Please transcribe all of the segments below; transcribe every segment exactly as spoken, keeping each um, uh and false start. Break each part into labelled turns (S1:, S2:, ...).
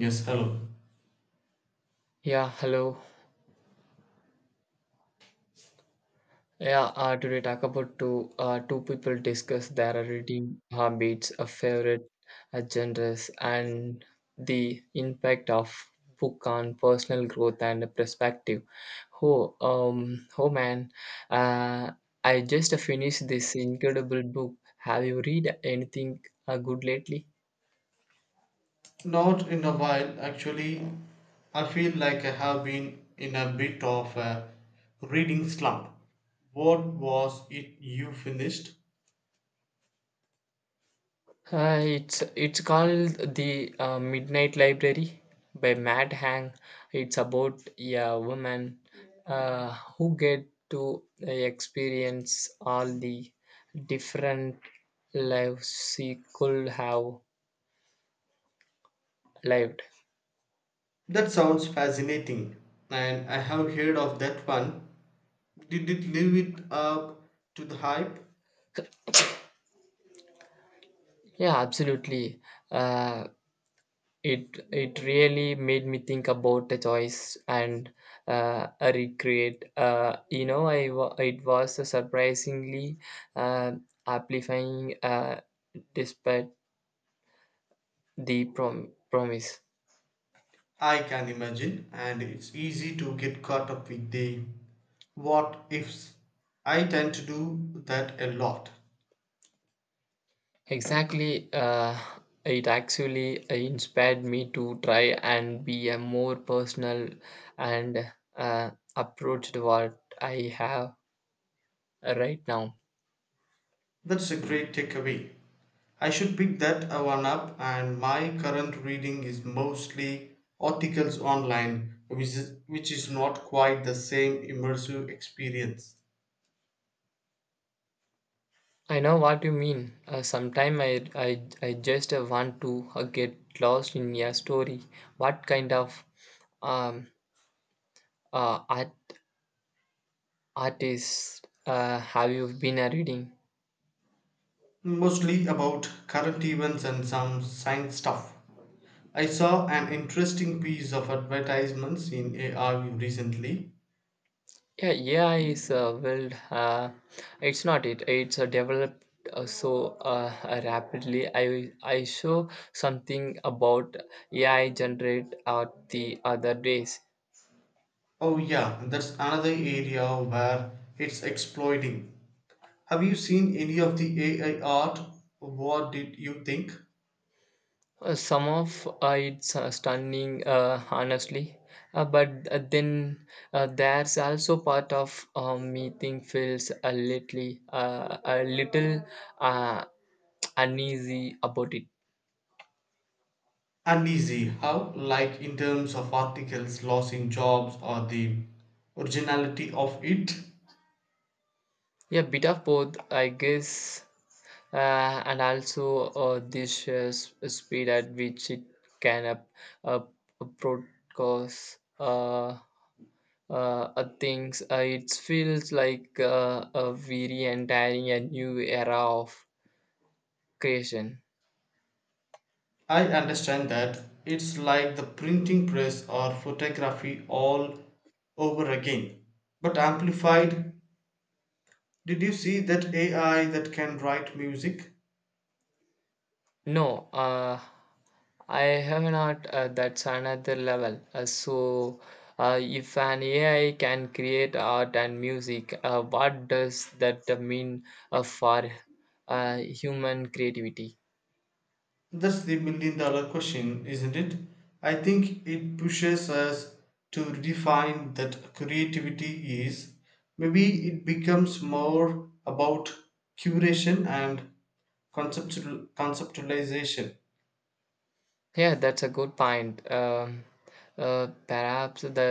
S1: Yes, hello.
S2: Yeah, hello. Yeah, uh, today talk about two uh, two people discuss their reading habits, a favorite uh, genres, and the impact of book on personal growth and perspective. Oh, um, oh man, uh, I just finished this incredible book. Have you read anything uh, good lately?
S1: Not in a while, actually. I feel like I have been in a bit of a reading slump. What was it you finished?
S2: Uh, it's it's called the uh, Midnight Library by Matt Hang. It's about a woman uh, who get to uh, experience all the different lives she could have lived.
S1: That sounds fascinating, and I have heard of that one. Did it live it up to the hype?
S2: Yeah, absolutely. Uh, It it really made me think about the choice and uh, a recreate. Uh, you know, I wa- it was a surprisingly uh, amplifying, uh, despite the prom- promise.
S1: I can imagine, and it's easy to get caught up with the what ifs. I tend to do that a lot.
S2: Exactly. Uh, it actually inspired me to try and be a more personal and uh, approach to what I have right now.
S1: That's a great takeaway. I should pick that uh, one up, and my current reading is mostly articles online, which is, which is not quite the same immersive experience.
S2: I know what you mean. Uh, Sometimes I, I, I just uh, want to uh, get lost in a story. What kind of um, uh, art, artists uh, have you been uh, reading?
S1: Mostly about current events and some science stuff. I saw an interesting piece of advertisements in A I recently.
S2: Yeah, A I is uh, well, uh, it's not it. It's uh, developed uh, so uh, uh, rapidly. I I saw something about A I generate art the other days.
S1: Oh, yeah, that's another area where it's exploiting. Have you seen any of the A I art? What did you think?
S2: Uh, some of uh, it's uh, stunning, uh, honestly. Uh, but uh, then uh, there's also part of uh, me think feels a little, uh, a little uh, uneasy about it.
S1: Uneasy how, like, in terms of articles loss in jobs or the originality of it?
S2: Yeah, bit of both, I guess, uh, and also uh, this uh, s- speed at which it can up, up, broadcast uh, uh, uh, things. Uh, it feels like uh, a very entire a new era of creation.
S1: I understand that it's like the printing press or photography all over again, but amplified. Did you see that ai that can write music?
S2: No, uh, I have not. Uh, that's another level. Uh, so, uh, if an A I can create art and music, uh, what does that mean uh, for uh, human creativity?
S1: That's the million dollar question, isn't it? I think it pushes us to redefine that creativity is. Maybe it becomes more about curation and conceptual, conceptualization.
S2: Yeah, that's a good point. Um, uh, perhaps the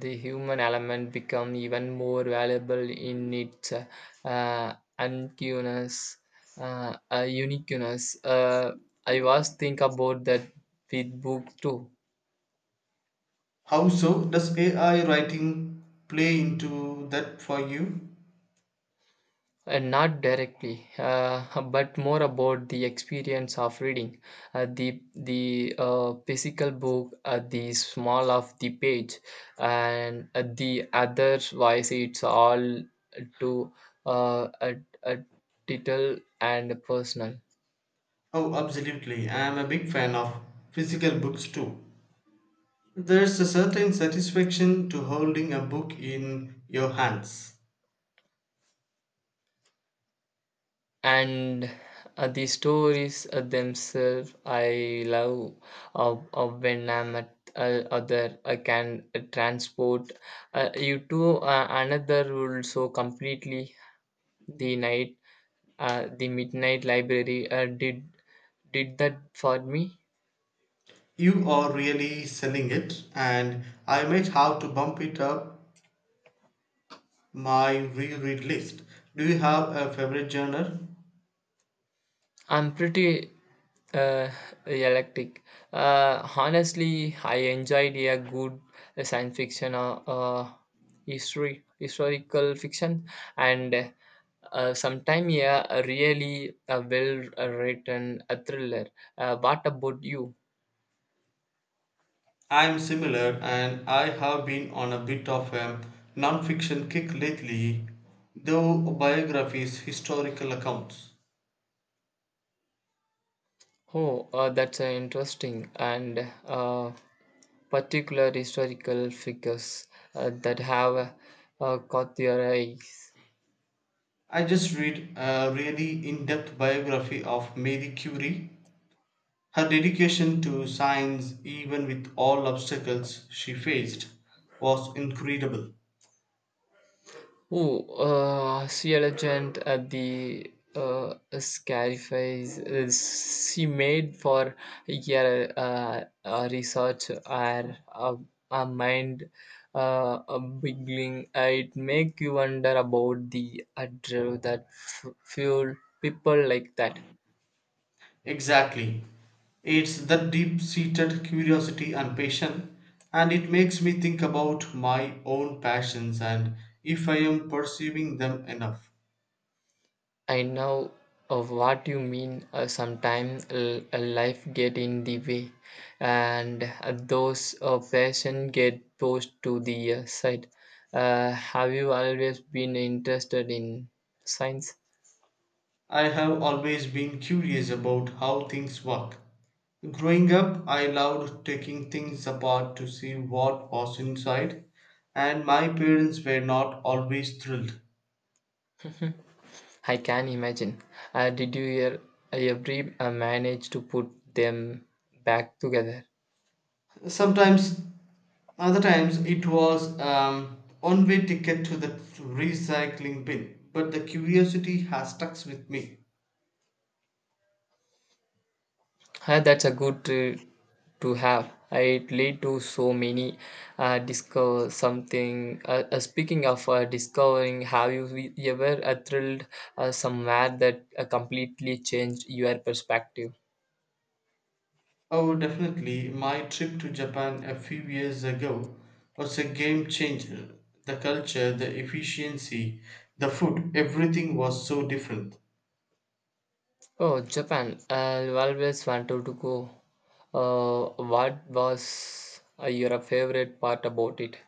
S2: the human element become even more valuable in its uh, uh, uniqueness. Uh, uh, uniqueness. Uh, I was think about that with books too.
S1: How so? Does A I writing play into that for you?
S2: Uh, not directly, uh, but more about the experience of reading uh, the the uh, physical book, uh, the small of the page, and uh, the otherwise it's all to uh, a, a title and personal.
S1: Oh, absolutely. I am a big fan of physical books too. There's a certain satisfaction to holding a book in your hands.
S2: And uh, the stories uh, themselves I love uh, uh, when I'm at uh, other I can uh, transport uh, you to uh, another world so completely. The night uh, the midnight library uh, did did that for me.
S1: You are really selling it, and I might have to bump it up my reread list. Do you have a favorite genre?
S2: I'm pretty uh, electric. Uh, honestly, I enjoyed a good science fiction or uh, history, historical fiction, and uh, sometime yeah, a really a well-written a thriller. Uh, what about you?
S1: I'm similar, and I have been on a bit of a non-fiction kick lately, though biographies, historical accounts.
S2: Oh, uh, that's uh, interesting and uh, particular historical figures uh, that have uh, caught your eyes.
S1: I just read a really in-depth biography of Marie Curie. Her dedication to science, even with all obstacles she faced, was incredible.
S2: Oh, uh, she a legend at the uh, Scarifies. Uh, She made for a year uh, a research or a, a mind uh, a beginning. It make you wonder about the adrenaline that f- fuel people like that.
S1: Exactly. It's that deep seated curiosity and passion, and it makes me think about my own passions and if I am pursuing them enough.
S2: I know of what you mean. Uh, sometimes uh, uh, life get in the way, and uh, those uh, passion get pushed to the uh, side. Uh, have you always been interested in science?
S1: I have always been curious about how things work. Growing up, I loved taking things apart to see what was inside, and my parents were not always thrilled.
S2: I can imagine. Uh, did you ever, ever uh, manage to put them back together?
S1: Sometimes. Other times it was um, one-way ticket to the recycling bin, but the curiosity has stuck with me.
S2: Uh, that's a good uh, to have. It lead to so many uh, discover something. Uh, uh, speaking of uh, discovering, have you we- ever uh, thrilled uh, somewhere that uh, completely changed your perspective?
S1: Oh, definitely, my trip to Japan a few years ago was a game changer. The culture, the efficiency, the food, everything was so different.
S2: Oh, Japan! I always wanted to go. Uh, what was uh, your favorite part about it?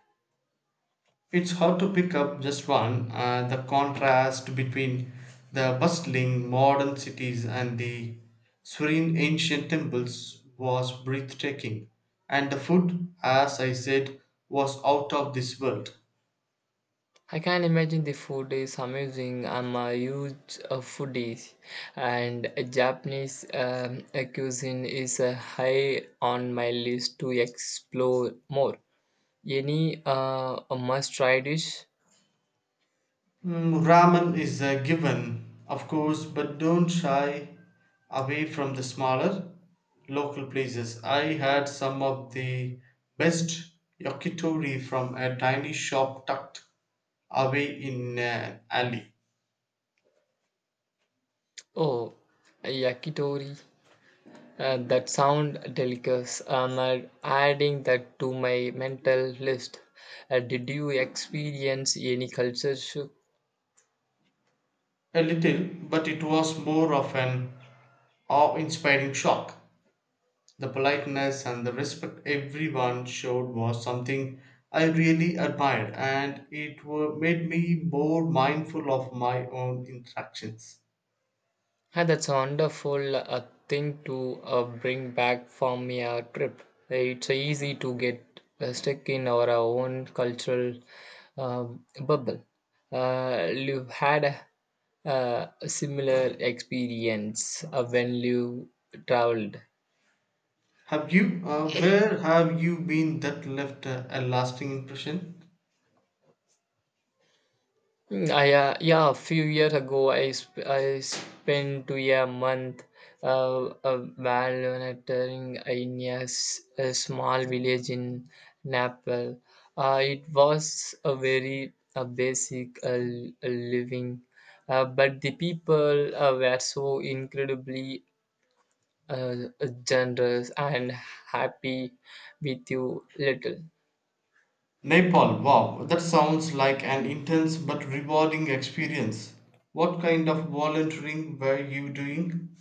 S1: It's hard to pick up just one. Uh, the contrast between the bustling modern cities and the serene ancient temples was breathtaking, and the food, as I said, was out of this world.
S2: I can imagine the food is amazing. I'm a huge uh, foodie, and Japanese um, cuisine is uh, high on my list to explore more. Any uh, must-try dish?
S1: Mm, ramen is a given, of course, but don't shy away from the smaller local places. I had some of the best yakitori from a tiny shop tucked away in an alley.
S2: Oh, yakitori. Uh, that sound delicious. I'm uh, adding that to my mental list. Uh, did you experience any culture shock?
S1: A little, but it was more of an awe inspiring shock. The politeness and the respect everyone showed was something I really admired, and it were, made me more mindful of my own interactions.
S2: Yeah, that's a wonderful uh, thing to uh, bring back from your trip. It's uh, easy to get uh, stuck in our own cultural um, bubble. Uh, you've had a, uh, a similar experience uh, when you traveled.
S1: Have you? Uh, where have you been that left a, a lasting impression?
S2: Mm, I uh, yeah, a few years ago, I sp- I spent to a month uh, uh, volunteering in a, s- a small village in Nepal. Uh, it was a very uh, basic uh, l- uh, living, uh, but the people uh, were so incredibly uh, generous and happy with you little.
S1: Nepal, wow, that sounds like an intense but rewarding experience. What kind of volunteering were you doing?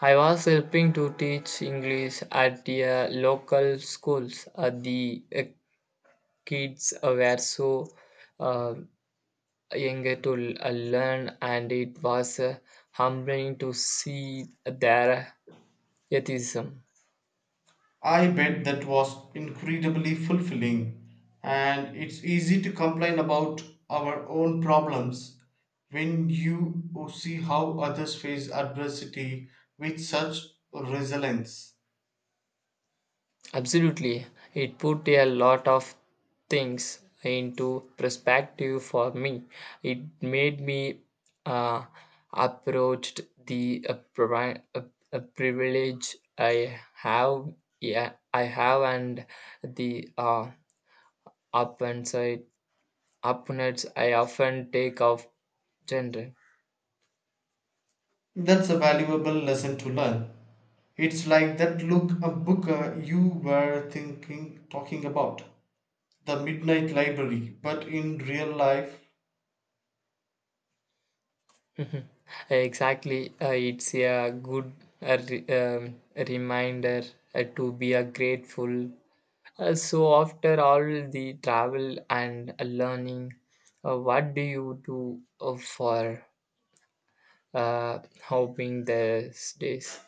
S2: I was helping to teach English at the uh, local schools. Uh, the uh, kids uh, were so uh, eager to l- uh, learn, and it was uh, humbling to see their atheism.
S1: I bet that was incredibly fulfilling, and it's easy to complain about our own problems when you see how others face adversity with such resilience.
S2: Absolutely. It put a lot of things into perspective for me. It made me uh, approached the uh, privi- uh, uh, privilege I have, yeah, I have, and the uh, opponents opponents I often take of gender.
S1: That's a valuable lesson to learn. It's like that look a book uh, you were thinking talking about, The Midnight Library, but in real life.
S2: Exactly, uh, it's a good uh, re- um, reminder uh, to be a grateful. Uh, so after all the travel and learning, uh, what do you do uh, for uh, hoping these days?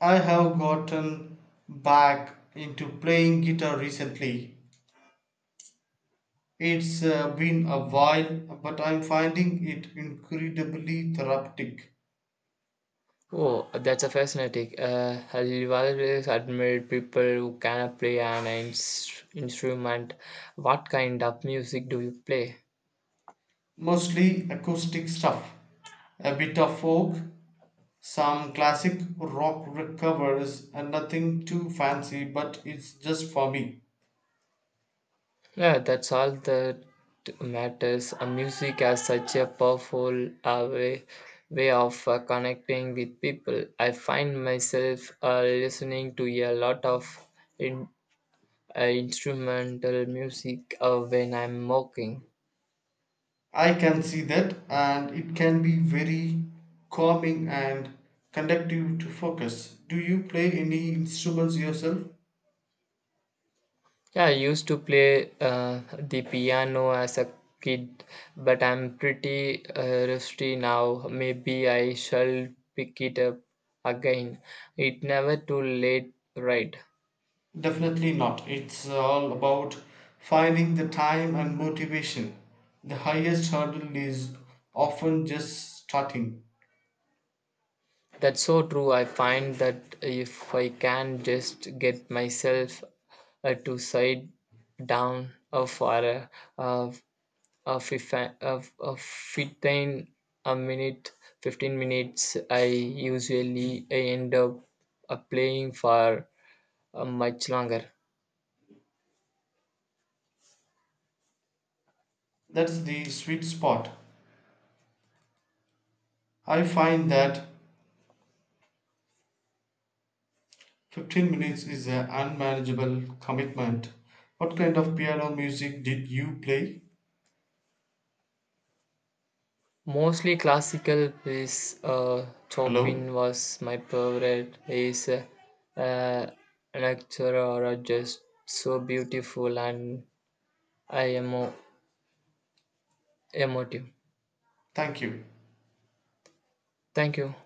S1: I have gotten back into playing guitar recently. It's uh, been a while, but I'm finding it incredibly therapeutic.
S2: Oh, that's a fascinating. Uh, I've always admired people who can play an ins- instrument. What kind of music do you play?
S1: Mostly acoustic stuff, a bit of folk, some classic rock covers, and nothing too fancy, but it's just for me.
S2: Yeah, that's all that matters. Uh, music has such a powerful uh, way, way of uh, connecting with people. I find myself uh, listening to a lot of in, uh, instrumental music uh, when I'm walking.
S1: I can see that, and it can be very calming and conductive to focus. Do you play any instruments yourself?
S2: Yeah, I used to play uh, the piano as a kid, but I'm pretty uh, rusty now. Maybe I shall pick it up again. It's never too late, right?
S1: Definitely not. It's all about finding the time and motivation. The highest hurdle is often just starting.
S2: That's so true. I find that if I can just get myself uh, to sit down uh, for a, a, a, fif- a, a fifteen a minute fifteen minutes I usually end up uh, playing for uh, much longer.
S1: That's the sweet spot. I find that fifteen minutes is an unmanageable commitment. What kind of piano music did you play?
S2: Mostly classical piece, uh,
S1: Hello?
S2: Chopin was my favorite is uh, uh, lecture or just so beautiful and I am mo- emotive.
S1: Thank you.
S2: Thank you.